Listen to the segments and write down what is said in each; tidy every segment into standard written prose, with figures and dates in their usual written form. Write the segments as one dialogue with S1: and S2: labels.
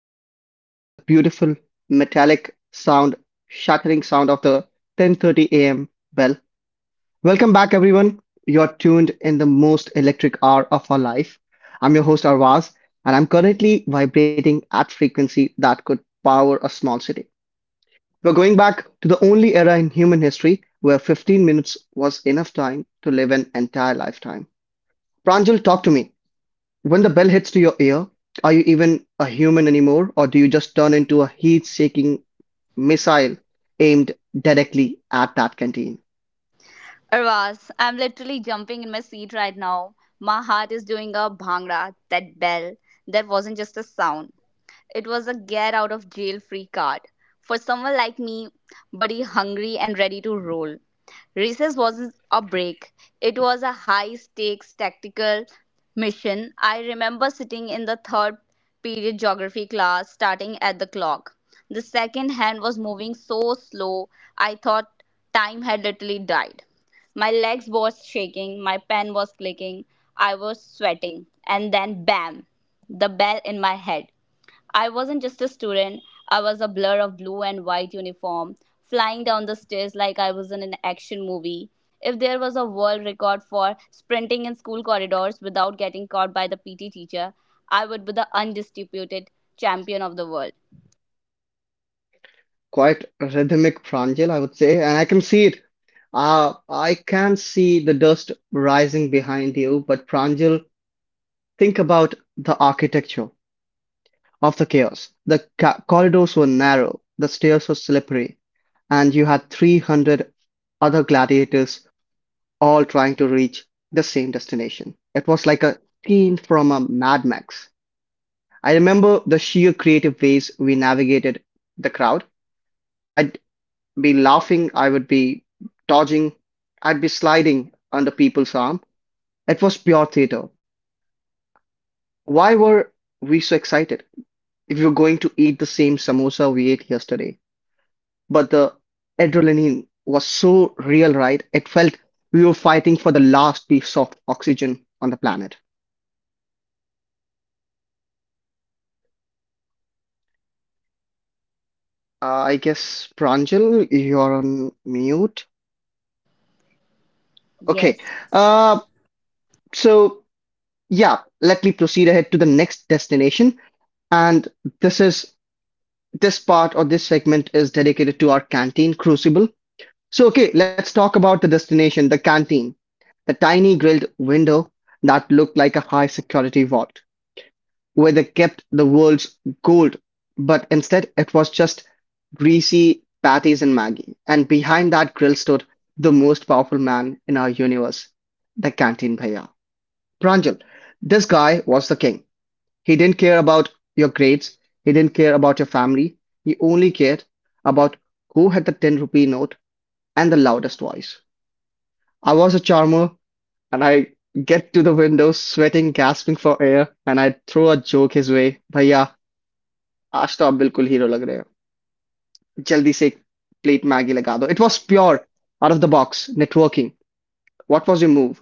S1: The sound, the beautiful metallic sound, shattering sound of the 10:30 a.m. bell. Welcome back, everyone. You're tuned in the most electric hour of our life. I'm your host Arvaz, and I'm currently vibrating at frequency that could power a small city. We're going back to the only era in human history where 15 minutes was enough time to live an entire lifetime. Pranjal, talk to me. When the bell hits to your ear, are you even a human anymore, or do you just turn into a heat-seeking missile aimed directly at that canteen?
S2: Arvaz, I'm literally jumping in my seat right now. My heart is doing a bhangra, that bell. That wasn't just a sound. It was a get out of jail free card. For someone like me, buddy hungry and ready to roll. Recess wasn't a break. It was a high stakes tactical mission. I remember sitting in the third period geography class starting at the clock. The second hand was moving so slow I thought time had literally died. My legs was shaking, my pen was clicking, I was sweating, and then bam, the bell in my head. I wasn't just a student, I was a blur of blue and white uniform, flying down the stairs like I was in an action movie. If there was a world record for sprinting in school corridors without getting caught by the PT teacher, I would be the undisputed champion of the world.
S1: Quite a rhythmic pranjal, I would say, and I can see it. I can see the dust rising behind you, but Pranjal, think about the architecture of the chaos. The ca corridors were narrow, the stairs were slippery, and you had 300 other gladiators all trying to reach the same destination. It was like a scene from a Mad Max. I remember the sheer creative ways we navigated the crowd. I'd be laughing, I would be dodging, I'd be sliding under people's arm. It was pure theater. Why were we so excited? If we were going to eat the same samosa we ate yesterday. But the adrenaline was so real, right? It felt we were fighting for the last piece of oxygen on the planet. I guess Pranjal, you're on mute. Okay.
S2: Yes.
S1: Uh, so yeah, let me proceed ahead to the next destination. And this is this part or this segment is dedicated to our canteen crucible. So okay, let's talk about the destination, the canteen, the tiny grilled window that looked like a high security vault, where they kept the world's gold, but instead it was just greasy patties and Maggie. And behind that grill stood the most powerful man in our universe, the canteen bhaiya. Pranjal, this guy was the king. He didn't care about your grades, he didn't care about your family, he only cared about who had the 10 rupee note and the loudest voice. I was a charmer, and I get to the window sweating, gasping for air, and I throw a joke his way. Bhaiya, आज तो आप बिल्कुल hero लग रहे हो जल्दी से एक प्लेट मैगी लगा दो it was pure out of the box networking what was your move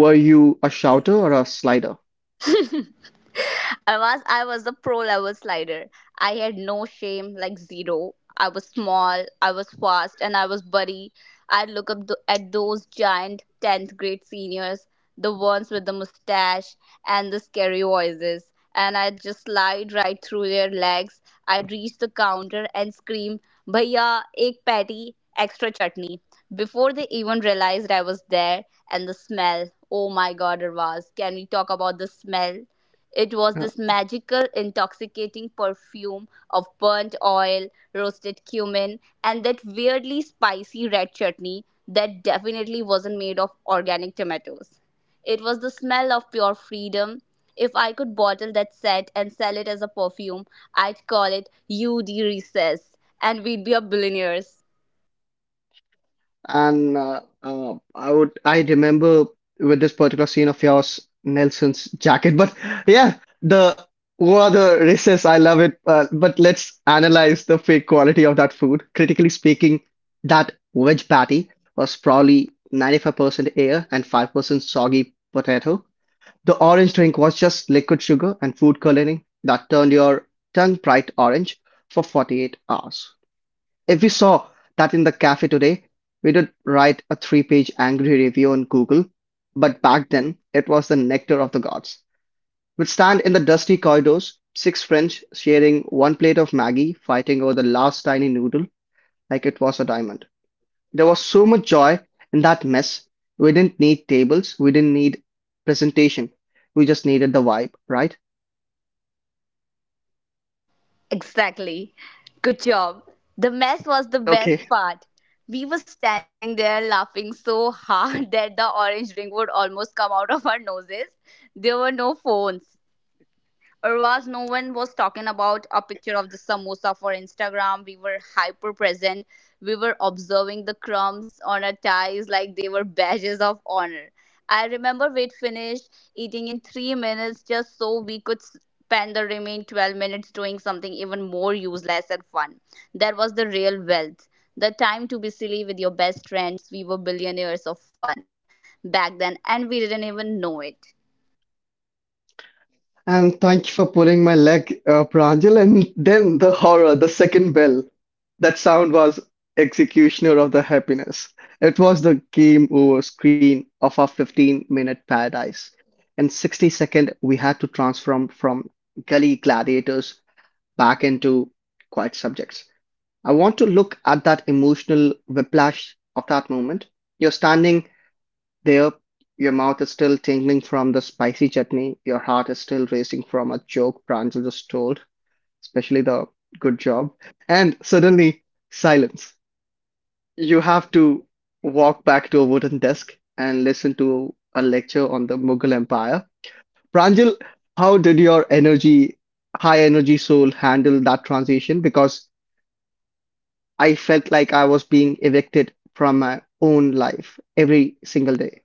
S1: were you a shouter or a slider.
S2: I was a pro level slider. I had no shame, like zero. I was small, I was fast, and I was buddy. I'd look up at those giant tenth grade seniors, the ones with the mustache and the scary voices, and I'd just slide right through their legs. I'd reach the counter and scream, "Bhaiya, ek patty, extra chutney!" before they even realized I was there. And the smell, oh my God, it was. Can we talk about the smell? It was this magical, intoxicating perfume of burnt oil, roasted cumin, and that weirdly spicy red chutney that definitely wasn't made of organic tomatoes. It was the smell of pure freedom. If I could bottle that scent and sell it as a perfume, I'd call it UD Recess, and we'd be a billionaires.
S1: And I remember with this particular scene of yours, Nelson's jacket. But yeah, the what the races, I love it. But let's analyze the fake quality of that food. Critically speaking, that wedge patty was probably 95% air and 5% soggy potato. The orange drink was just liquid sugar and food coloring that turned your tongue bright orange for 48 hours. If we saw that in the cafe today, we would write a three-page angry review on Google. But back then, it was the nectar of the gods. We'd stand in the dusty corridors, six French sharing one plate of Maggie, fighting over the last tiny noodle like it was a diamond. There was so much joy in that mess. We didn't need tables, we didn't need presentation. We just needed the vibe, right?
S2: Exactly. Good job. The mess was the best
S1: Okay.
S2: part. We were standing there laughing so hard that the orange ring would almost come out of our noses. There were no phones, or was no one was talking about a picture of the samosa for Instagram. We were hyper present. We were observing the crumbs on our ties like they were badges of honor. I remember we'd finished eating in 3 minutes just so we could spend the remaining 12 minutes doing something even more useless and fun. That was the real wealth. The time to be silly with your best friends. We were billionaires of fun back then and we didn't even know it.
S1: And thank you for pulling my leg up, Pranjal. And then the horror, the second bell. That sound was executioner of the happiness. It was the game over screen of our 15-minute paradise. In 60 seconds, we had to transform from gully gladiators back into quiet subjects. I want to look at that emotional whiplash of that moment. You're standing there, your mouth is still tingling from the spicy chutney. Your heart is still racing from a joke Pranjal just told, especially the good job. And suddenly, silence. You have to walk back to a wooden desk and listen to a lecture on the Mughal Empire. Pranjal, how did your energy, high energy soul handle that transition? Because I felt like I was being evicted from my own life every single day.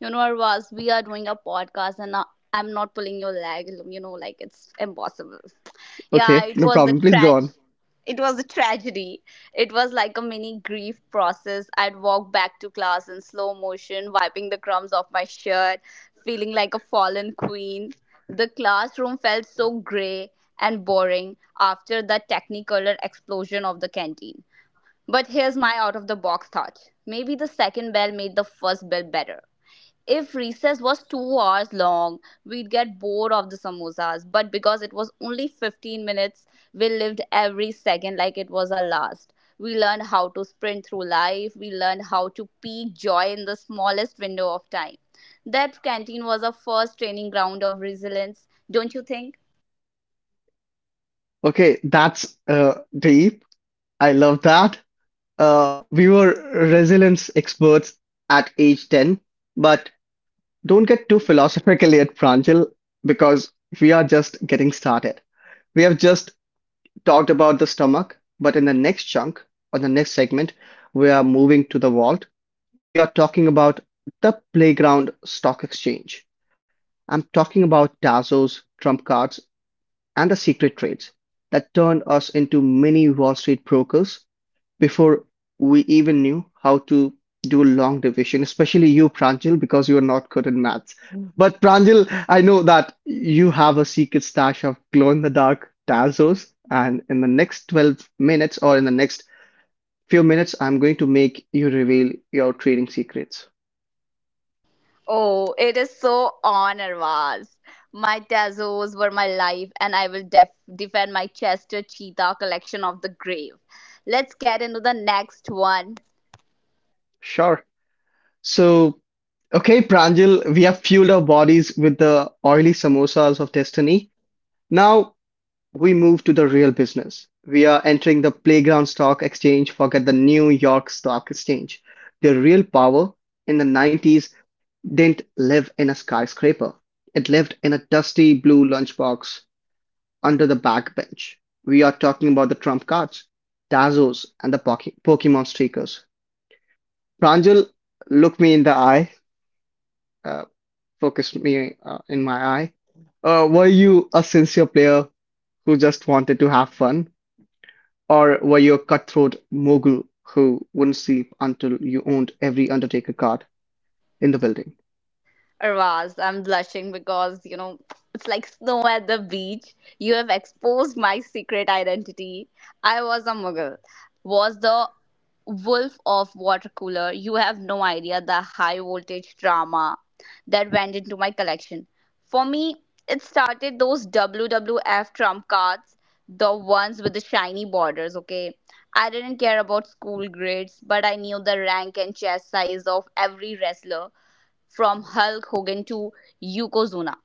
S2: You know, Arvaz, we are doing a podcast and now I'm not pulling your leg. You know, like it's impossible. Yeah,
S1: Okay,
S2: it
S1: no
S2: was the
S1: problem. Please go
S2: tragedy.
S1: on.
S2: It was a tragedy. It was like a mini grief process. I'd walk back to class in slow motion, wiping the crumbs off my shirt, feeling like a fallen queen. The classroom felt so grey and boring after the technicolor explosion of the canteen. But here's my out of the box thought. Maybe the second bell made the first bell better. If recess was 2 hours long, we'd get bored of the samosas. But because it was only 15 minutes, we lived every second like it was our last. We learned how to sprint through life. We learned how to peak joy in the smallest window of time. That canteen was our first training ground of resilience, don't you think?
S1: Okay, that's deep. I love that. We were resilience experts at age 10, but don't get too philosophical yet, Pranjal, because we are just getting started. We have just talked about the stomach, but in the next chunk, or the next segment, we are moving to the vault. We are talking about the playground stock exchange. I'm talking about Dazos, trump cards, and the secret trades that turned us into mini Wall Street brokers before we even knew how to do long division, especially you, Pranjal, because you are not good in maths. But Pranjal, I know that you have a secret stash of glow in the dark Tazos, and in the next 12 minutes or in the next few minutes, I'm going to make you reveal your trading secrets.
S2: Oh, it is so on, Arvaz. My Tazos were my life, and I will defend my Chester Cheetah collection of the grave. Let's get into the next one.
S1: Sure. So, okay, Pranjal, we have fueled our bodies with the oily samosas of destiny. Now we move to the real business. We are entering the playground stock exchange, forget the New York Stock Exchange. The real power in the 90s didn't live in a skyscraper, it lived in a dusty blue lunchbox under the backbench. We are talking about the trump cards, Tazos, and the Pokemon stickers. Pranjal, look me in the eye. Uh, focused me in my eye. Were you a sincere player who just wanted to have fun, or were you a cutthroat mogul who wouldn't sleep until you owned every Undertaker card in the building?
S2: Arvaz, I'm blushing because, you know, it's like snow at the beach. You have exposed my secret identity. I was a muggle, was the wolf of water cooler. You have no idea the high voltage drama that went into my collection. For me, it started those WWF trump cards, the ones with the shiny borders, okay? I didn't care about school grades, but I knew the rank and chest size of every wrestler from Hulk Hogan to Yokozuna.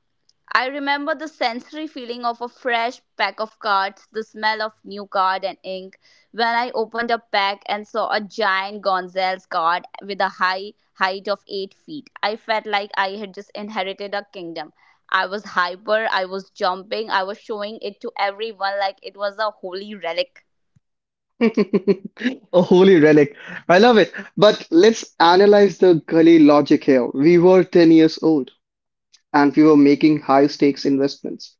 S2: I remember the sensory feeling of a fresh pack of cards, the smell of new card and ink. When I opened a pack and saw a giant Gonzalez card with a high height of 8 feet, I felt like I had just inherited a kingdom. I was hyper, I was jumping, I was showing it to everyone like it was a holy relic.
S1: A holy relic. I love it. But let's analyze the gully logic here. We were 10 years old and we were making high stakes investments.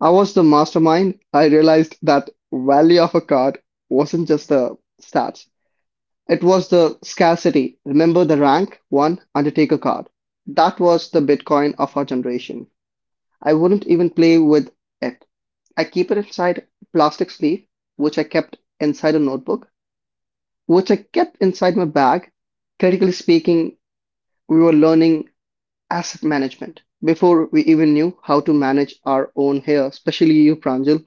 S1: I was the mastermind. I realized that value of a card wasn't just the stats. It was the scarcity, remember the rank 1 Undertaker card. That was the Bitcoin of our generation. I wouldn't even play with it. I keep it inside a plastic sleeve, which I kept inside a notebook, which I kept inside my bag. Critically speaking, we were learning asset management before we even knew how to manage our own hair, especially you, Pranjal.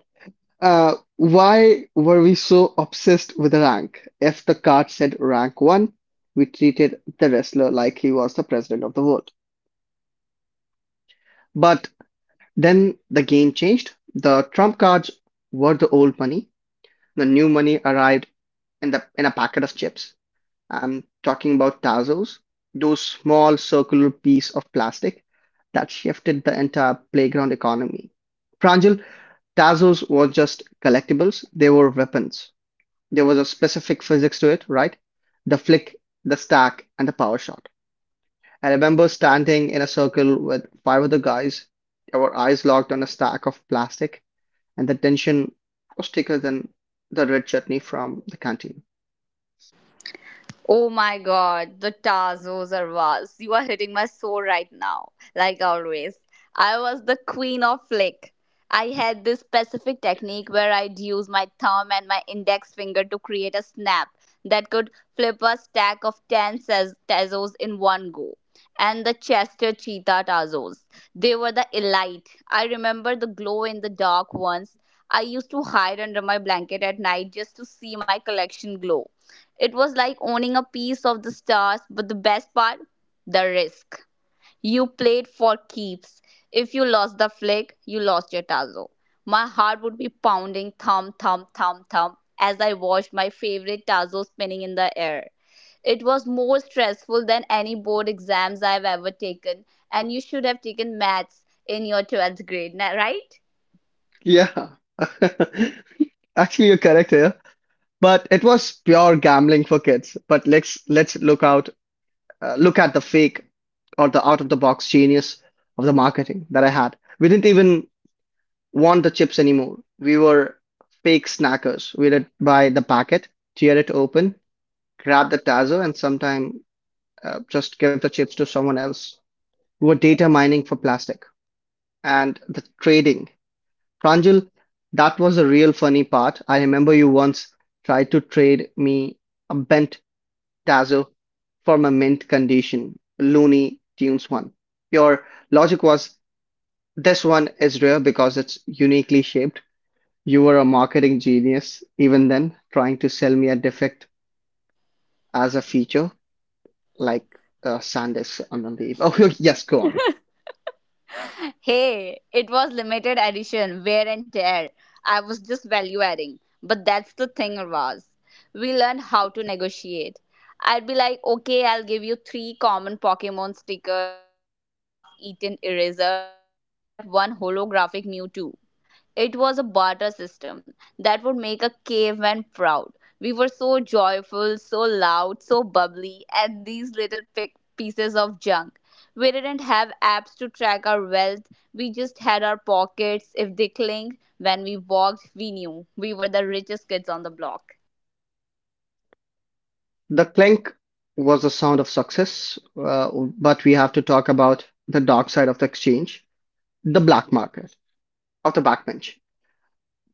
S1: Why were we so obsessed with rank? If the card said rank one, we treated the wrestler like he was the president of the world. But then the game changed. The trump cards were the old money. The new money arrived in the in a packet of chips. I'm talking about Tazos, those small circular piece of plastic that shifted the entire playground economy. Pranjal, Tazos were just collectibles; they were weapons. There was a specific physics to it, right? The flick, the stack, and the power shot. I remember standing in a circle with five other guys, our eyes locked on a stack of plastic, and the tension was thicker than the red chutney from the canteen.
S2: Oh my god, the Tazos are vast. You are hitting my soul right now, like always. I was the queen of flick. I had this specific technique where I'd use my thumb and my index finger to create a snap that could flip a stack of 10 Tazos in one go. And the Chester Cheetah Tazos. They were the elite. I remember the glow in the dark ones. I used to hide under my blanket at night just to see my collection glow it was like owning a piece of the stars, but the best part, the risk. You played for keeps. If you lost the flick, you lost your tazo. My heart would be pounding thump, thump, thump, thump as I watched my favorite tazo spinning in the air. It was more stressful than any board exams I've ever taken, and you should have taken maths in your 12th grade, right?
S1: Yeah, actually, you're correct here. But it was pure gambling for kids. But let's look out, look at the fake or the out of the box genius of the marketing that I had. We didn't even want the chips anymore. We were fake snackers. We'd buy the packet, tear it open, grab the tazo, and sometime just give the chips to someone else. We were data mining for plastic and the trading. Pranjal, that was the real funny part. I remember you once tried to trade me a bent tazo for my mint condition, Looney Tunes one. Your logic was this one is rare because it's uniquely shaped. You were a marketing genius even then, trying to sell me a defect as a feature, like Sandisk on the Eve. Oh, yes, go on.
S2: Hey, it was limited edition, wear and tear. I was just value adding. But that's the thing, Raz. We learned how to negotiate. I'd be like, okay, I'll give you three common Pokemon stickers and a half eaten eraser for that one holographic Mewtwo. It was a barter system that would make a caveman proud. We were so joyful, so loud, so bubbly, and these little pieces of junk. We didn't have apps to track our wealth, we just had our pockets. If they clinked when we walked, we knew we were the richest kids on the block.
S1: The clink was the sound of success, uh, but we have to talk about the dark side of the exchange, the black market of the backbench.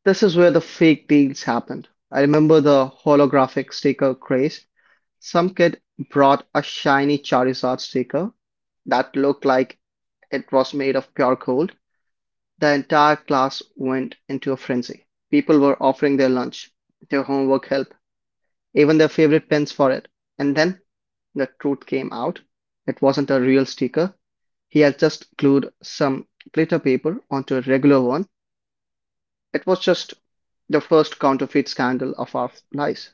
S1: This is where the fake deals happened. I remember the holographic sticker craze. Some kid brought a shiny Charizard sticker that looked like it was made of pure gold. The entire class went into a frenzy. People were offering their lunch, their homework help, even their favorite pens for it. And then the truth came out. It wasn't a real sticker. He had just glued some glitter paper onto a regular one. It was just the first counterfeit scandal of our lives.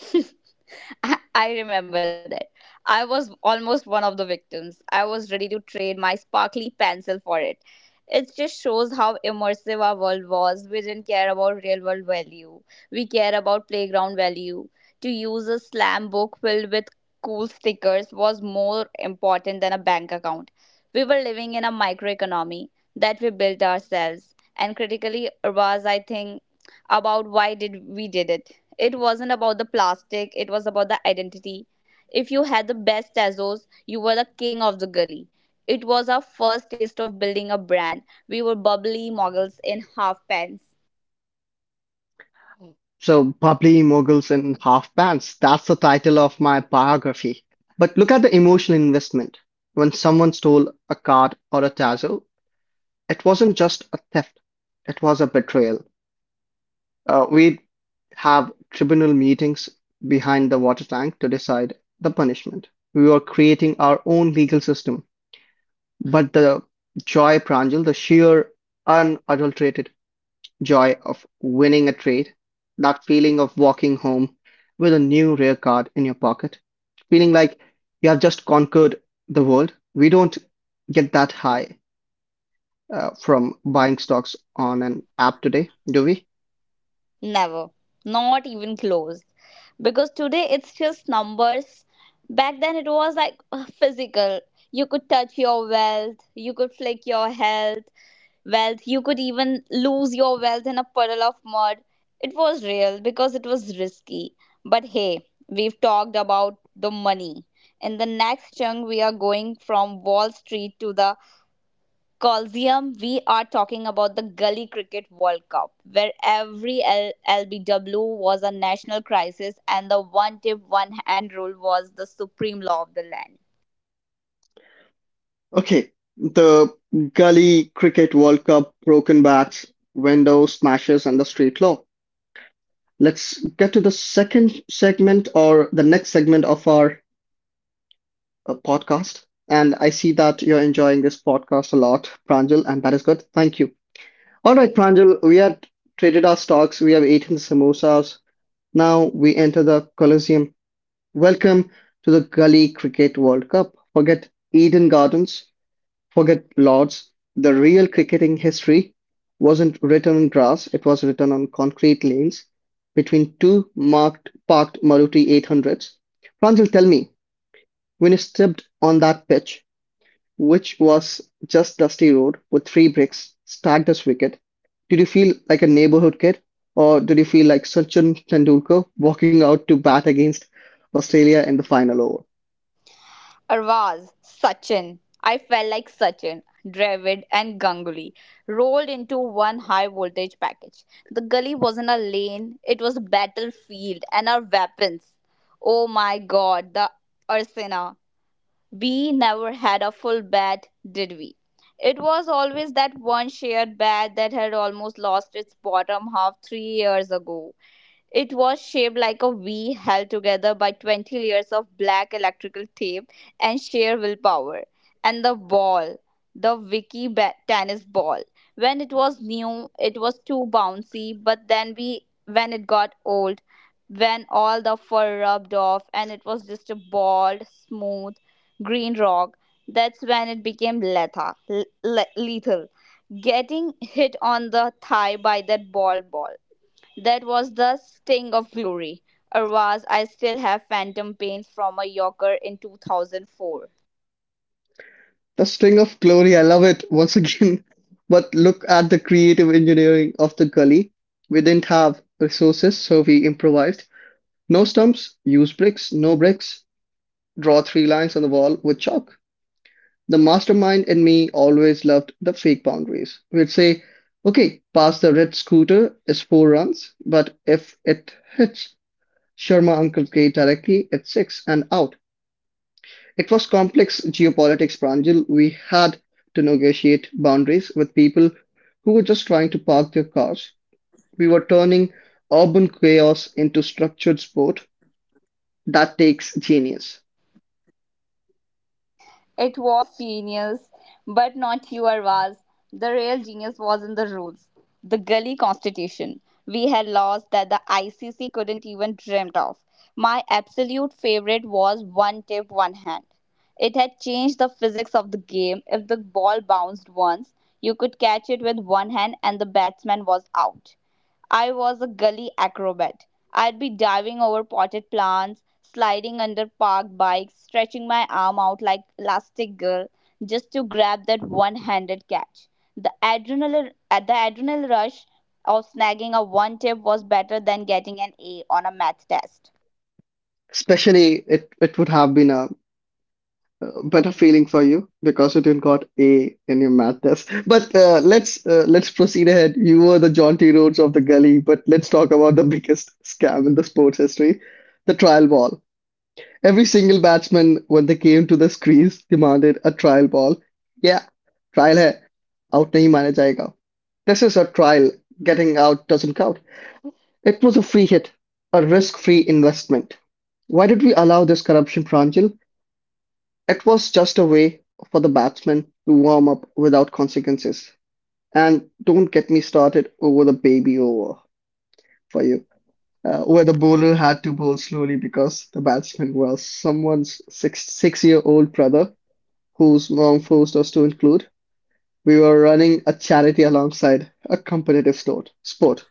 S2: I remember that. I was almost one of the victims. I was ready to trade my sparkly pencil for it. It just shows how immersive our world was. We didn't care about real world value, we care about playground value. To use a slam book filled with cool stickers was more important than a bank account. We were living in a microeconomy that we built ourselves. And critically, was I think about why did we did it it wasn't about the plastic, it was about the identity. If you had the best Tazos, you were the king of the gully. It was our first taste of building a brand. We were bubbly moguls in half pants.
S1: So, Bubbly Moguls in Half Pants, that's the title of my biography. But look at the emotional investment. When someone stole a card or a tassel, it wasn't just a theft, it was a betrayal. We'd have tribunal meetings behind the water tank to decide the punishment. We were creating our own legal system. But the joy, Pranjal, the sheer unadulterated joy of winning a trade, that feeling of walking home with a new rare card in your pocket, feeling like you have just conquered the world, we don't get that high from buying stocks on an app today, do we?
S2: Never. Not even close. Because today it's just numbers. Back then it was like physical. You could touch your wealth, you could flick your health, wealth. You could even lose your wealth in a puddle of mud. It was real because it was risky. But hey, we've talked about the money. In the next chunk, we are going from Wall Street to the Coliseum. We are talking about the Gully Cricket World Cup, where every LBW was a national crisis and the one tip, one hand rule was the supreme law of the land.
S1: Okay, the Gully Cricket World Cup, broken bats, window smashes, and the street law. Let's get to the second segment or the next segment of our podcast. And I see that you're enjoying this podcast a lot, Pranjal, and that is good. Thank you. All right, Pranjal, we had traded our stocks, we have eaten samosas. Now we enter the Colosseum. Welcome to the Gully Cricket World Cup. Forget Eden Gardens, forget Lords. The real cricketing history wasn't written on grass, it was written on concrete lanes between two marked parked Maruti 800s. Pranjal, tell me, when you stepped on that pitch, which was just dusty road with three bricks stacked as wicket, did you feel like a neighborhood kid or did you feel like Sachin Tendulkar walking out to bat against Australia in the final over?
S2: Arvaz, Sachin. I felt like Sachin, Dravid, and Ganguly rolled into one high voltage package. The gully wasn't a lane, it was a battlefield and our weapons. Oh my god, the Ursina. We never had a full bat, did we? It was always that one shared bat that had almost lost its bottom half 3 years ago. It was shaped like a V held together by 20 layers of black electrical tape and sheer willpower. And the ball, the Vicky tennis ball. When it was new, it was too bouncy, but then we when it got old, when all the fur rubbed off and it was just a bald, smooth, green rock, that's when it became lethal. Getting hit on the thigh by that ball that was the sting of glory. Arvaz, I still have phantom pains from a Yorker in 2004.
S1: The string of glory, I love it once again. But look at the creative engineering of the gully. We didn't have resources, so we improvised. No stumps, use bricks, no bricks, draw three lines on the wall with chalk. The mastermind in me always loved the fake boundaries. We'd say, okay, pass the red scooter is four runs, but if it hits Sharma Uncle's gate directly, it's six and out. It was complex geopolitics, Pranjal. We had to negotiate boundaries with people who were just trying to park their cars. We were turning urban chaos into structured sport. That takes genius.
S2: It was genius, but not you, Arvaz. The real genius was in the rules. The gully constitution. We had laws that the ICC couldn't even dreamt of. My absolute favorite was one tip, one hand. It had changed the physics of the game. If the ball bounced once, you could catch it with one hand and the batsman was out. I was a gully acrobat. I'd be diving over potted plants, sliding under parked bikes, stretching my arm out like elastic girl just to grab that one-handed catch. The adrenaline rush of snagging a one tip was better than getting an A on a math test.
S1: Especially, it would have been a better feeling for you because you didn't got A in your math test. But let's proceed ahead. You were the John T. Rhodes of the gully, but let's talk about the biggest scam in the sports history, the trial ball. Every single batsman, when they came to the crease, demanded a trial ball. Yeah, trial hai. Out nahi mana jayega. This is a trial. Getting out doesn't count. It was a free hit, a risk-free investment. Why did we allow this corruption, Pranjal? It was just a way for the batsman to warm up without consequences. And don't get me started over the baby over for you, where the bowler had to bowl slowly because the batsman was someone's six year old brother whose mom forced us to include. We were running a charity alongside a competitive sport.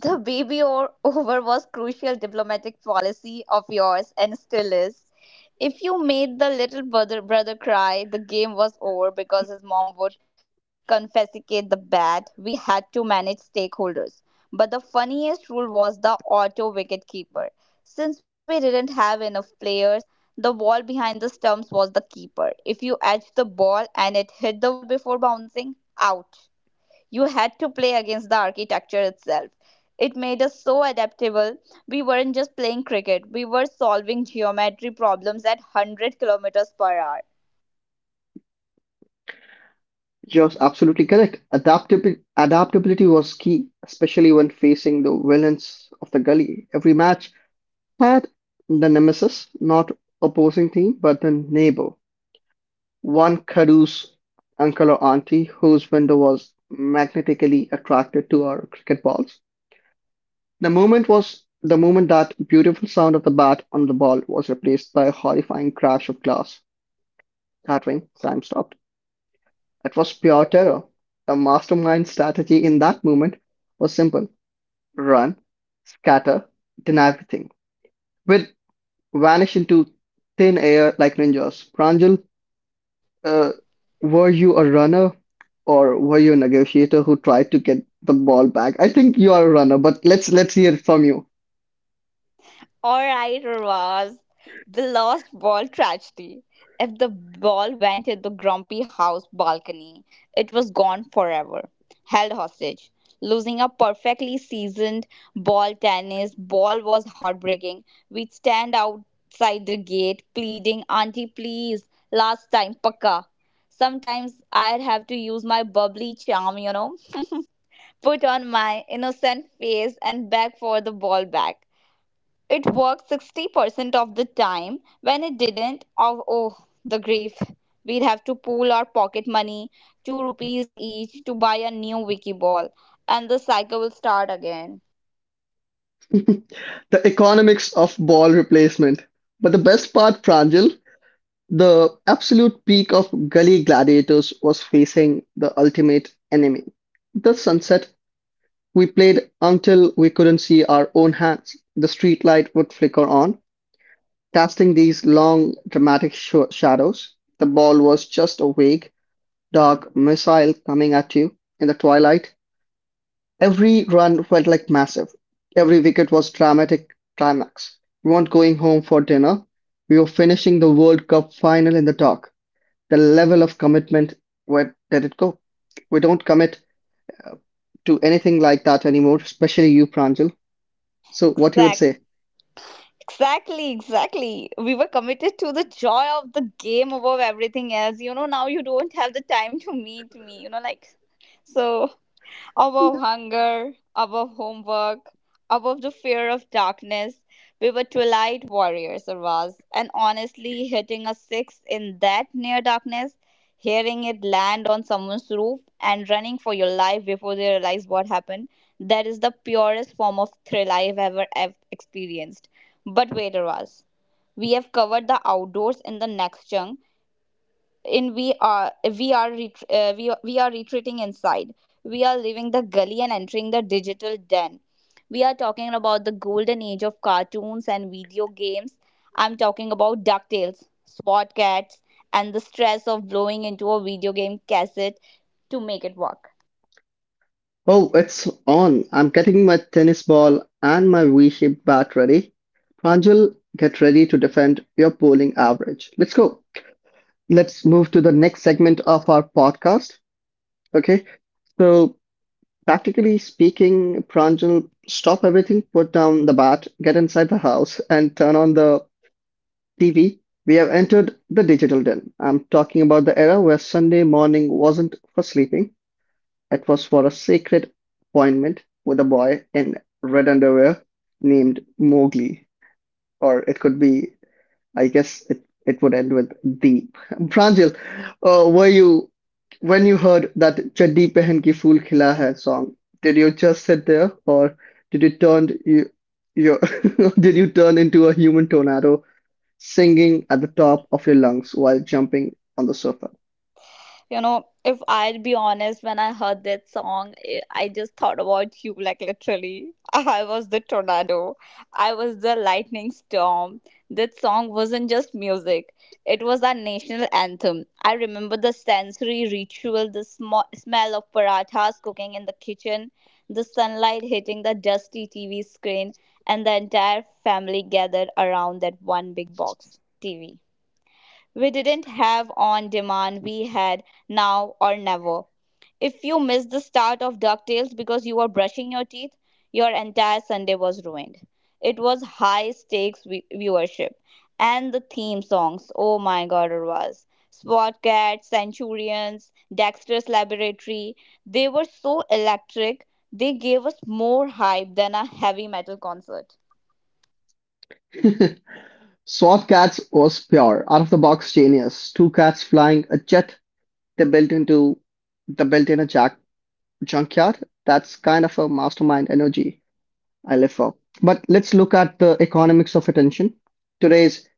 S2: The baby or over was crucial diplomatic policy of yours and still is. If you made the little brother cry, the game was over because his mom would confiscate the bat. We had to manage stakeholders. But the funniest rule was the auto wicket keeper. Since we didn't have enough players, the wall behind the stumps was the keeper. If you edged the ball and it hit the wall before bouncing, out you had to play against the architecture itself. It made us so adaptable. We weren't just playing cricket, we were solving geometry problems at 100 kilometers per hour.
S1: Just absolutely correct. Adaptability was key, especially when facing the villains of the gully. Every match had the nemesis, not opposing team, but the neighbor. One caduceus uncle or auntie whose window was magnetically attracted to our cricket balls. The moment that beautiful sound of the bat on the ball was replaced by a horrifying crash of glass. Clattering, time stopped. It was pure terror. The mastermind strategy in that moment was simple. Run, scatter, deny everything. We'd vanish into thin air like ninjas. Pranjal, uh, were you a runner or were you a negotiator who tried to get the ball back? I think you are a runner, but let's hear it from you.
S2: All right, Ravaz. The lost ball tragedy. If the ball went in the grumpy house balcony, it was gone forever. Held hostage. Losing a perfectly seasoned ball tennis ball was heartbreaking. We'd stand outside the gate pleading, "Auntie, please, last time, paka." Sometimes I'd have to use my bubbly charm, put on my innocent face and beg for the ball back. It worked 60% of the time. When it didn't, oh, oh the grief. We'd have to pool our pocket money, 2 rupees each, to buy a new wiki ball. And the cycle will start again.
S1: The economics of ball replacement. But the best part, Pranjal, the absolute peak of gully gladiators was facing the ultimate enemy. The sunset. We played until we couldn't see our own hands. The streetlight would flicker on, casting these long, dramatic shadows. The ball was just a vague, dark missile coming at you in the twilight. Every run felt like massive. Every wicket was dramatic climax. We weren't going home for dinner. We were finishing the World Cup final in the dark. The level of commitment, where did it go? We don't commit uh, to anything like that anymore, especially you, Pranjal. So what you would
S2: Exact.
S1: say?
S2: Exactly, exactly. We were committed to the joy of the game above everything else. You know, now you don't have the time to meet me, you know, like so above hunger, above homework, above the fear of darkness. We were twilight warriors, Arvaz, and honestly, hitting a six in that near darkness, hearing it land on someone's roof, and running for your life before they realize what happened, that is the purest form of thrill I've ever experienced. But wait, Arvaz, we have covered the outdoors. In the next chunk, in we are ret- we are retreating inside. We are leaving the gully and entering the digital den. We are talking about the golden age of cartoons and video games. I'm talking about DuckTales, Swat Cats, and the stress of blowing into a video game cassette to make it work.
S1: Oh, it's on. I'm getting my tennis ball and my V-shaped bat ready. Pranjal, get ready to defend your bowling average. Let's go. Let's move to the next segment of our podcast. Okay, so practically speaking, Pranjal, stop everything, put down the bat, get inside the house, and turn on the TV. We have entered the digital den. I'm talking about the era where Sunday morning wasn't for sleeping, it was for a sacred appointment with a boy in red underwear named Mowgli, or it could be I guess it would end with deep. Pranjal, were you when you heard that Chaddi Pehen Ki Phool Khila Hai song? Did you just sit there, or did you turn you your did you turn into a human tornado singing at the top of your lungs while jumping on the sofa?
S2: you know if I'll be honest, when I heard that song, I just thought about you, like, literally I was the tornado, I was the lightning storm. That song wasn't just music, it was our national anthem. I remember the sensory ritual, the smell of parathas cooking in the kitchen, the sunlight hitting the dusty TV screen, and the entire family gathered around that one big box TV. We didn't have on demand, we had now or never. If you missed the start of DuckTales because you were brushing your teeth, your entire Sunday was ruined. It was high stakes viewership. And the theme songs, oh my god, it was. Spotcats, Centurions, Dexter's Laboratory, they were so electric, they gave us more hype than a heavy metal concert.
S1: Swat Cats was pure, out of the box genius. Two cats flying a jet they built into they built in a jack junkyard. That's kind of a mastermind energy. LFO. But let's look at the economics of attention. Today's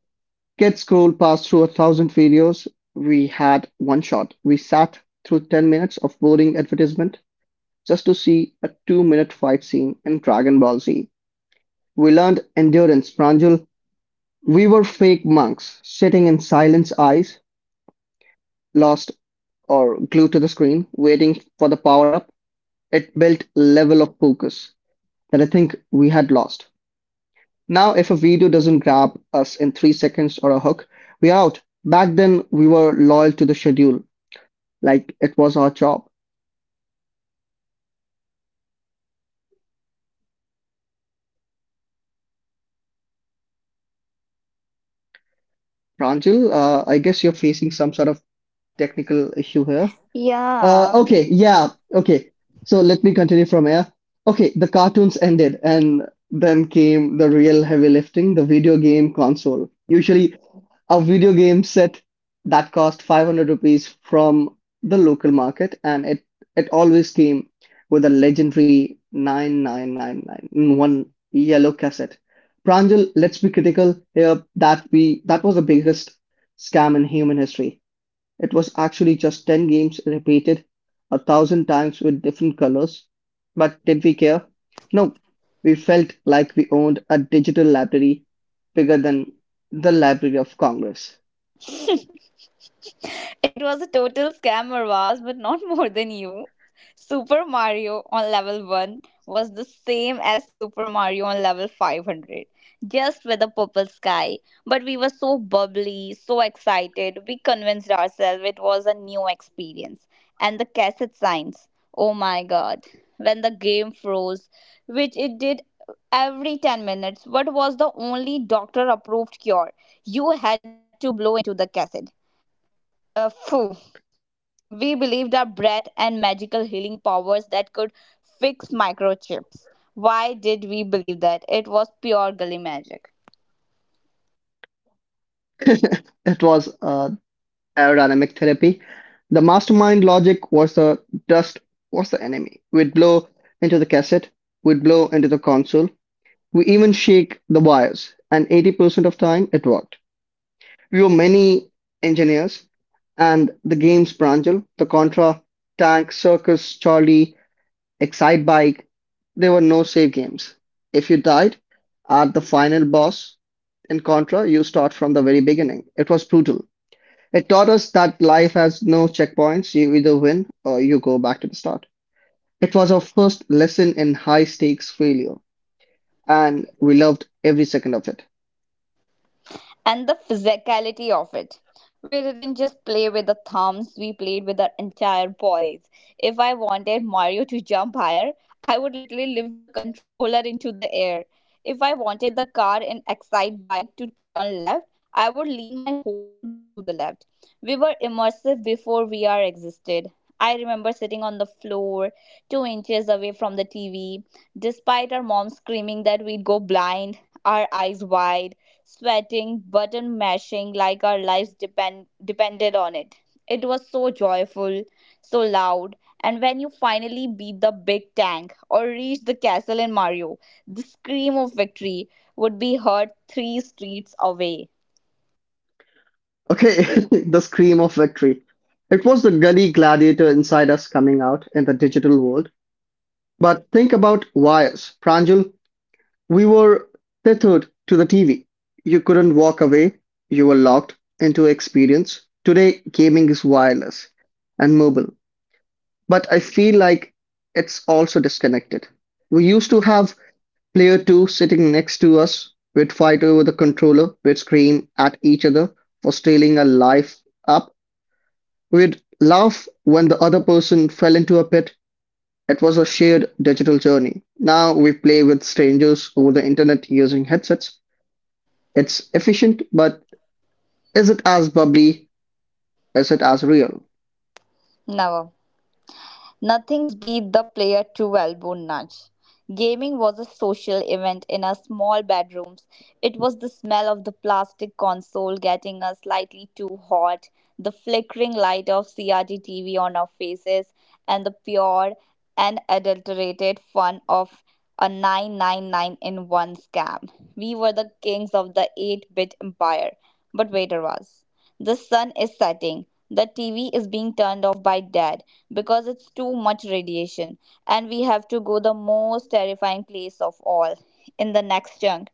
S1: kids' scroll passed through a thousand videos. We had one shot. We sat through 10 minutes of boring advertisement just to see a 2 minute fight scene in Dragon Ball Z. We learned endurance, Pranjul. We were fake monks, sitting in silence, eyes lost or glued to the screen, waiting for the power up. It built level of focus that I think we had lost. Now if a video doesn't grab us in 3 seconds or a hook, we're out. Back then, we were loyal to the schedule, like it was our job. Pranjal, I guess you're facing some sort of technical issue here.
S2: Yeah.
S1: Okay, yeah, okay. So let me continue from here. Okay, the cartoons ended, and then came the real heavy lifting, the video game console. Usually, a video game set that cost 500 rupees from the local market and it always came with a legendary 9999 in one yellow cassette. Pranjal, let's be critical here that we that was the biggest scam in human history. It was actually just 10 games repeated a thousand times with different colors. But did we care? No, we felt like we owned a digital library bigger than the library of congress.
S2: It was a total scam, Arvaz, but not more than you. Super Mario on level 1 was the same as Super Mario on level 500, just with a purple sky. But we were so bubbly, so excited, we convinced ourselves it was a new experience. And the cassette signs, oh my god, when the game froze, which it did every 10 minutes, what was the only doctor approved cure? You had to blow into the cassette. Phew. We believed our breath and magical healing powers that could fix microchips. Why did we believe that? It was pure gully magic.
S1: It was aerodynamic therapy. The mastermind logic was the dust was the enemy. We'd blow into the cassette, we'd blow into the console, we even shake the wires, and 80% of time it worked. We were many engineers, and the games Pranjal, the Contra, Tank, Circus, Charlie, Excite Bike, there were no save games. If you died at the final boss in Contra, you start from the very beginning. It was brutal. It taught us that life has no checkpoints. You either win or you go back to the start. It was our first lesson in high stakes failure, and we loved every second of it.
S2: And the physicality of it. We didn't just play with the thumbs, we played with our entire bodies. If I wanted Mario to jump higher, I would literally lift the controller into the air. If I wanted the car in Excite bike to turn left, I would lean my whole body to the left. We were immersive before VR existed. I remember sitting on the floor, 2 inches away from the TV, despite our mom screaming that we'd go blind, our eyes wide, sweating, button mashing like our lives depended on it. It was so joyful, so loud, and when you finally beat the big tank or reach the castle in Mario, the scream of victory would be heard three streets away.
S1: Okay, the scream of victory. It was the gully gladiator inside us coming out in the digital world. But think about wires, Pranjal. We were tethered to the TV. You couldn't walk away. You were locked into experience. Today, gaming is wireless and mobile, but I feel like it's also disconnected. We used to have player two sitting next to us. We'd fight over the controller. We'd scream at each other for stealing a life up. We'd laugh when the other person fell into a pit. It was a shared digital journey. Now we play with strangers over the internet using headsets. It's efficient, but is it as bubbly? Is it as real?
S2: Never. Nothing's beat the player to elbow nudge. Gaming was a social event in our small bedrooms. It was the smell of the plastic console getting us slightly too hot, the flickering light of CRT TV on our faces, and the pure and adulterated fun of a 999 in one scam. We were the kings of the 8 bit empire. But wait, Raz. The sun is setting. The TV is being turned off by dad because it's too much radiation, and we have to go the most terrifying place of all. In the next chunk,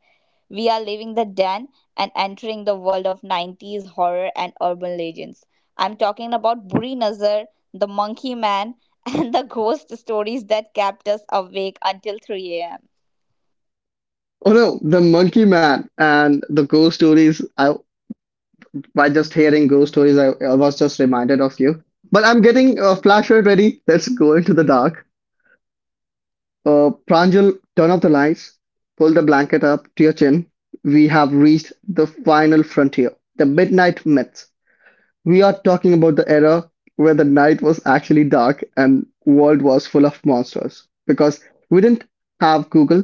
S2: we are leaving the den and entering the world of 90s horror and urban legends. I'm talking about buri nazar, the monkey man, and the ghost stories that kept us awake until 3 a.m.
S1: Oh no, the Monkey Man and the ghost stories. I by just hearing ghost stories, I was just reminded of you. But I'm getting a flashlight ready. Let's go into the dark. Pranjal, turn off the lights. Pull the blanket up to your chin. We have reached the final frontier, the midnight myth. We are talking about the era where the night was actually dark and world was full of monsters because we didn't have Google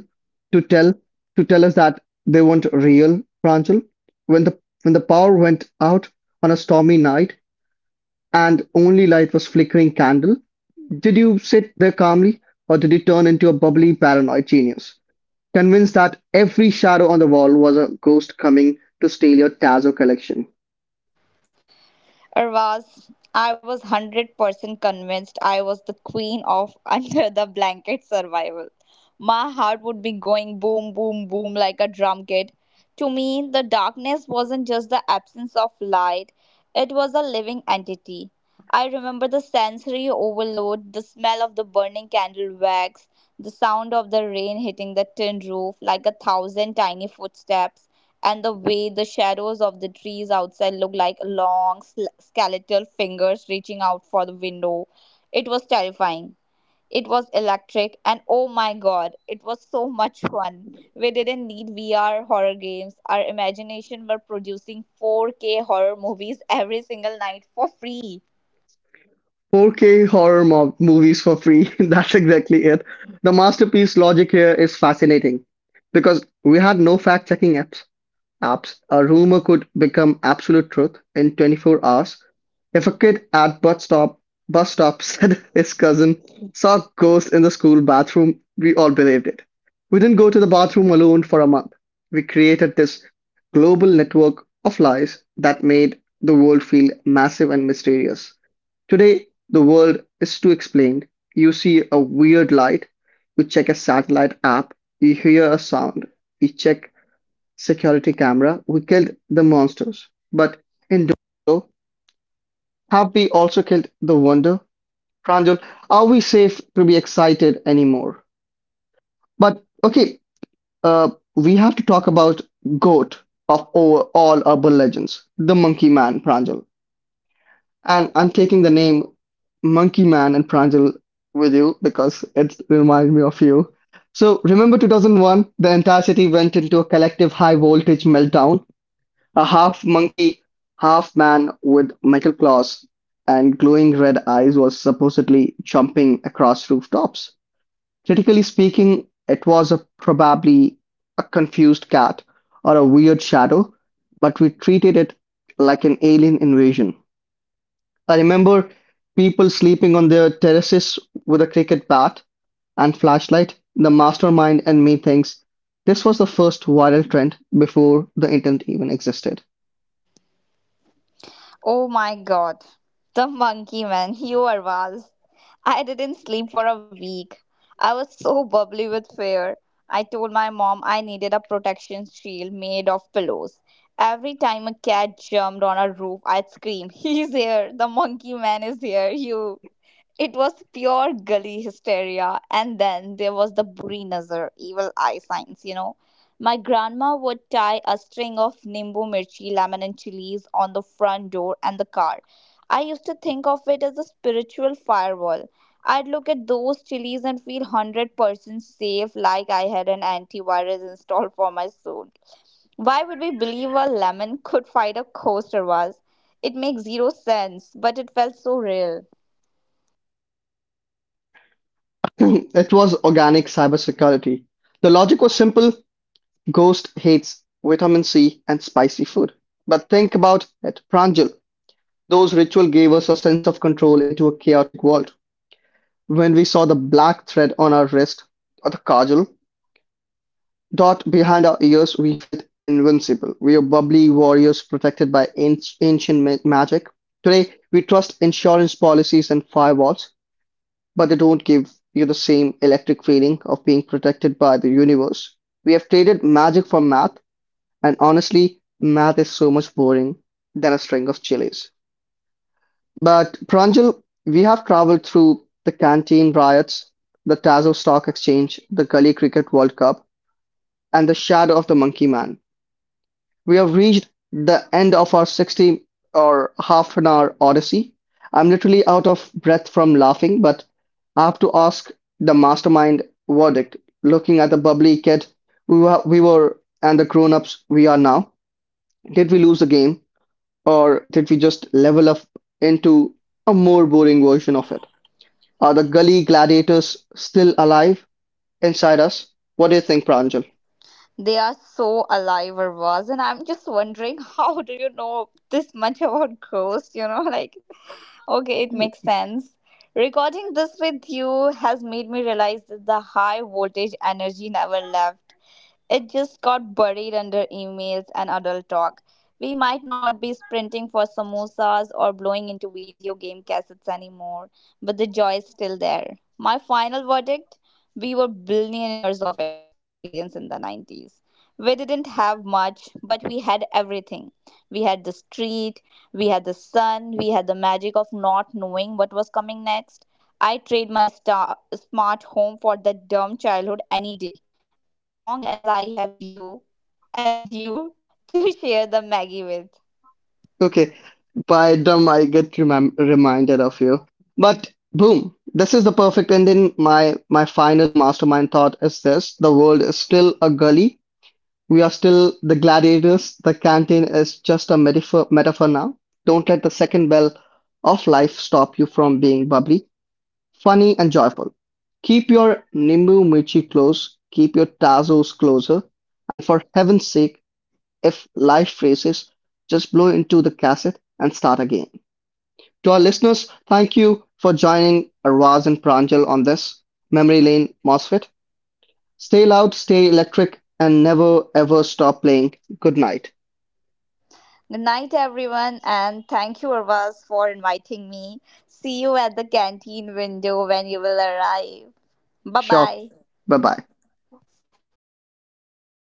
S1: to tell to tell us that they weren't real, Pranjal. When the when the power went out on a stormy night and only light was flickering candle, did you sit there calmly or did you turn into a bubbly paranoid genius, convinced that every shadow on the wall was a ghost coming to steal your Tazo collection?
S2: Arvaz, I was 100% convinced I was the queen of under the blanket survival. My heart would be going boom, boom, boom like a drum kit. To me, the darkness wasn't just the absence of light, it was a living entity. I remember the sensory overload, the smell of the burning candle wax, the sound of the rain hitting the tin roof like a thousand tiny footsteps, and the way the shadows of the trees outside looked like long skeletal fingers reaching out for the window. It was terrifying. It was electric, and oh my god, it was so much fun. We didn't need VR horror games. Our imagination were producing 4K horror movies every single night for free.
S1: 4K horror mo movies for free. That's exactly it. The masterpiece logic here is fascinating because we had no fact-checking apps. A rumor could become absolute truth in 24 hours. If a kid at bus stop said his cousin saw a ghost in the school bathroom, we all believed it. We didn't go to the bathroom alone for a month. We created this global network of lies that made the world feel massive and mysterious. Today, the world is too explained. You see a weird light, you check a satellite app, you hear a sound, you check security camera, we killed the monsters. But in doing so, have we also killed the wonder? Pranjal, are we safe to be excited anymore? But okay, we have to talk about GOAT of over all urban legends, the monkey man, Pranjal. And I'm taking the name Monkey Man and Pranjal with you because it reminds me of you. So remember 2001, the entire city went into a collective high voltage meltdown. A half monkey, half man with metal claws and glowing red eyes was supposedly jumping across rooftops. Critically speaking, it was a, probably a confused cat or a weird shadow, but we treated it like an alien invasion. I remember people sleeping on their terraces with a cricket bat and flashlight. The mastermind and me thinks this was the first viral trend before the internet even existed.
S2: Oh my god. The monkey man, you are Vaz. I didn't sleep for a week. I was so bubbly with fear. I told my mom I needed a protection shield made of pillows. Every time a cat jumped on a roof, I'd scream, "He's here! The monkey man is here! You!" It was pure gully hysteria. And then there was the buri nazar, evil eye signs, you know. My grandma would tie a string of nimbu mirchi, lemon and chilies on the front door and the car. I used to think of it as a spiritual firewall. I'd look at those chilies and feel 100% safe, like I had an antivirus installed for my soul. Why would we believe a lemon could fight a coaster was? It makes zero sense, but it felt so real.
S1: It was organic cybersecurity. The logic was simple. Ghost hates vitamin C and spicy food. But think about it, Pranjal. Those rituals gave us a sense of control into a chaotic world. When we saw the black thread on our wrist or the kajal dot behind our ears we felt invincible. We were bubbly warriors protected by ancient magic. Today we trust insurance policies and firewalls, but they don't give you the same electric feeling of being protected by the universe. We have traded magic for math, and honestly, math is so much boring than a string of chilies. But Pranjal, we have traveled through the canteen riots, the Tazo Stock Exchange, the Gully Cricket World Cup, and the shadow of the Monkey Man. We have reached the end of our 60 or half an hour odyssey. I'm literally out of breath from laughing, but I have to ask the mastermind verdict. Looking at the bubbly kid we were and the grown ups we are now, did we lose the game or did we just level up into a more boring version of it? Are the gully gladiators still alive inside us? What do you think, Pranjal?
S2: They are so alive or was, and I'm just wondering how do you know this much about ghosts? You know, like okay, it makes sense. Recording this with you has made me realize that the high voltage energy never left. It just got buried under emails and adult talk. We might not be sprinting for samosas or blowing into video game cassettes anymore, but the joy is still there. My final verdict: we were billionaires of experience in the 90s. We didn't have much, but we had everything. We had the street, we had the sun, we had the magic of not knowing what was coming next. I trade my smart home for that dumb childhood any day, as long as I have you and you to share the Maggie with.
S1: Okay, by dumb, I get remem reminded of you. But boom, this is the perfect ending. My final mastermind thought is this: the world is still a gully. We are still the gladiators. The canteen is just a metaphor now. Don't let the second bell of life stop you from being bubbly, funny, and joyful. Keep your nimbu michi close. Keep your tazos closer. And for heaven's sake, if life freezes, just blow into the cassette and start again. To our listeners, thank you for joining Arvaz and Pranjal on this Memory Lane MOSFET. Stay loud, stay electric, and never ever stop playing. Good night.
S2: Good night, everyone, and thank you, Arvas, for inviting me. See you at the canteen window when you will arrive. Bye
S1: Sure.
S2: bye.
S1: Bye bye.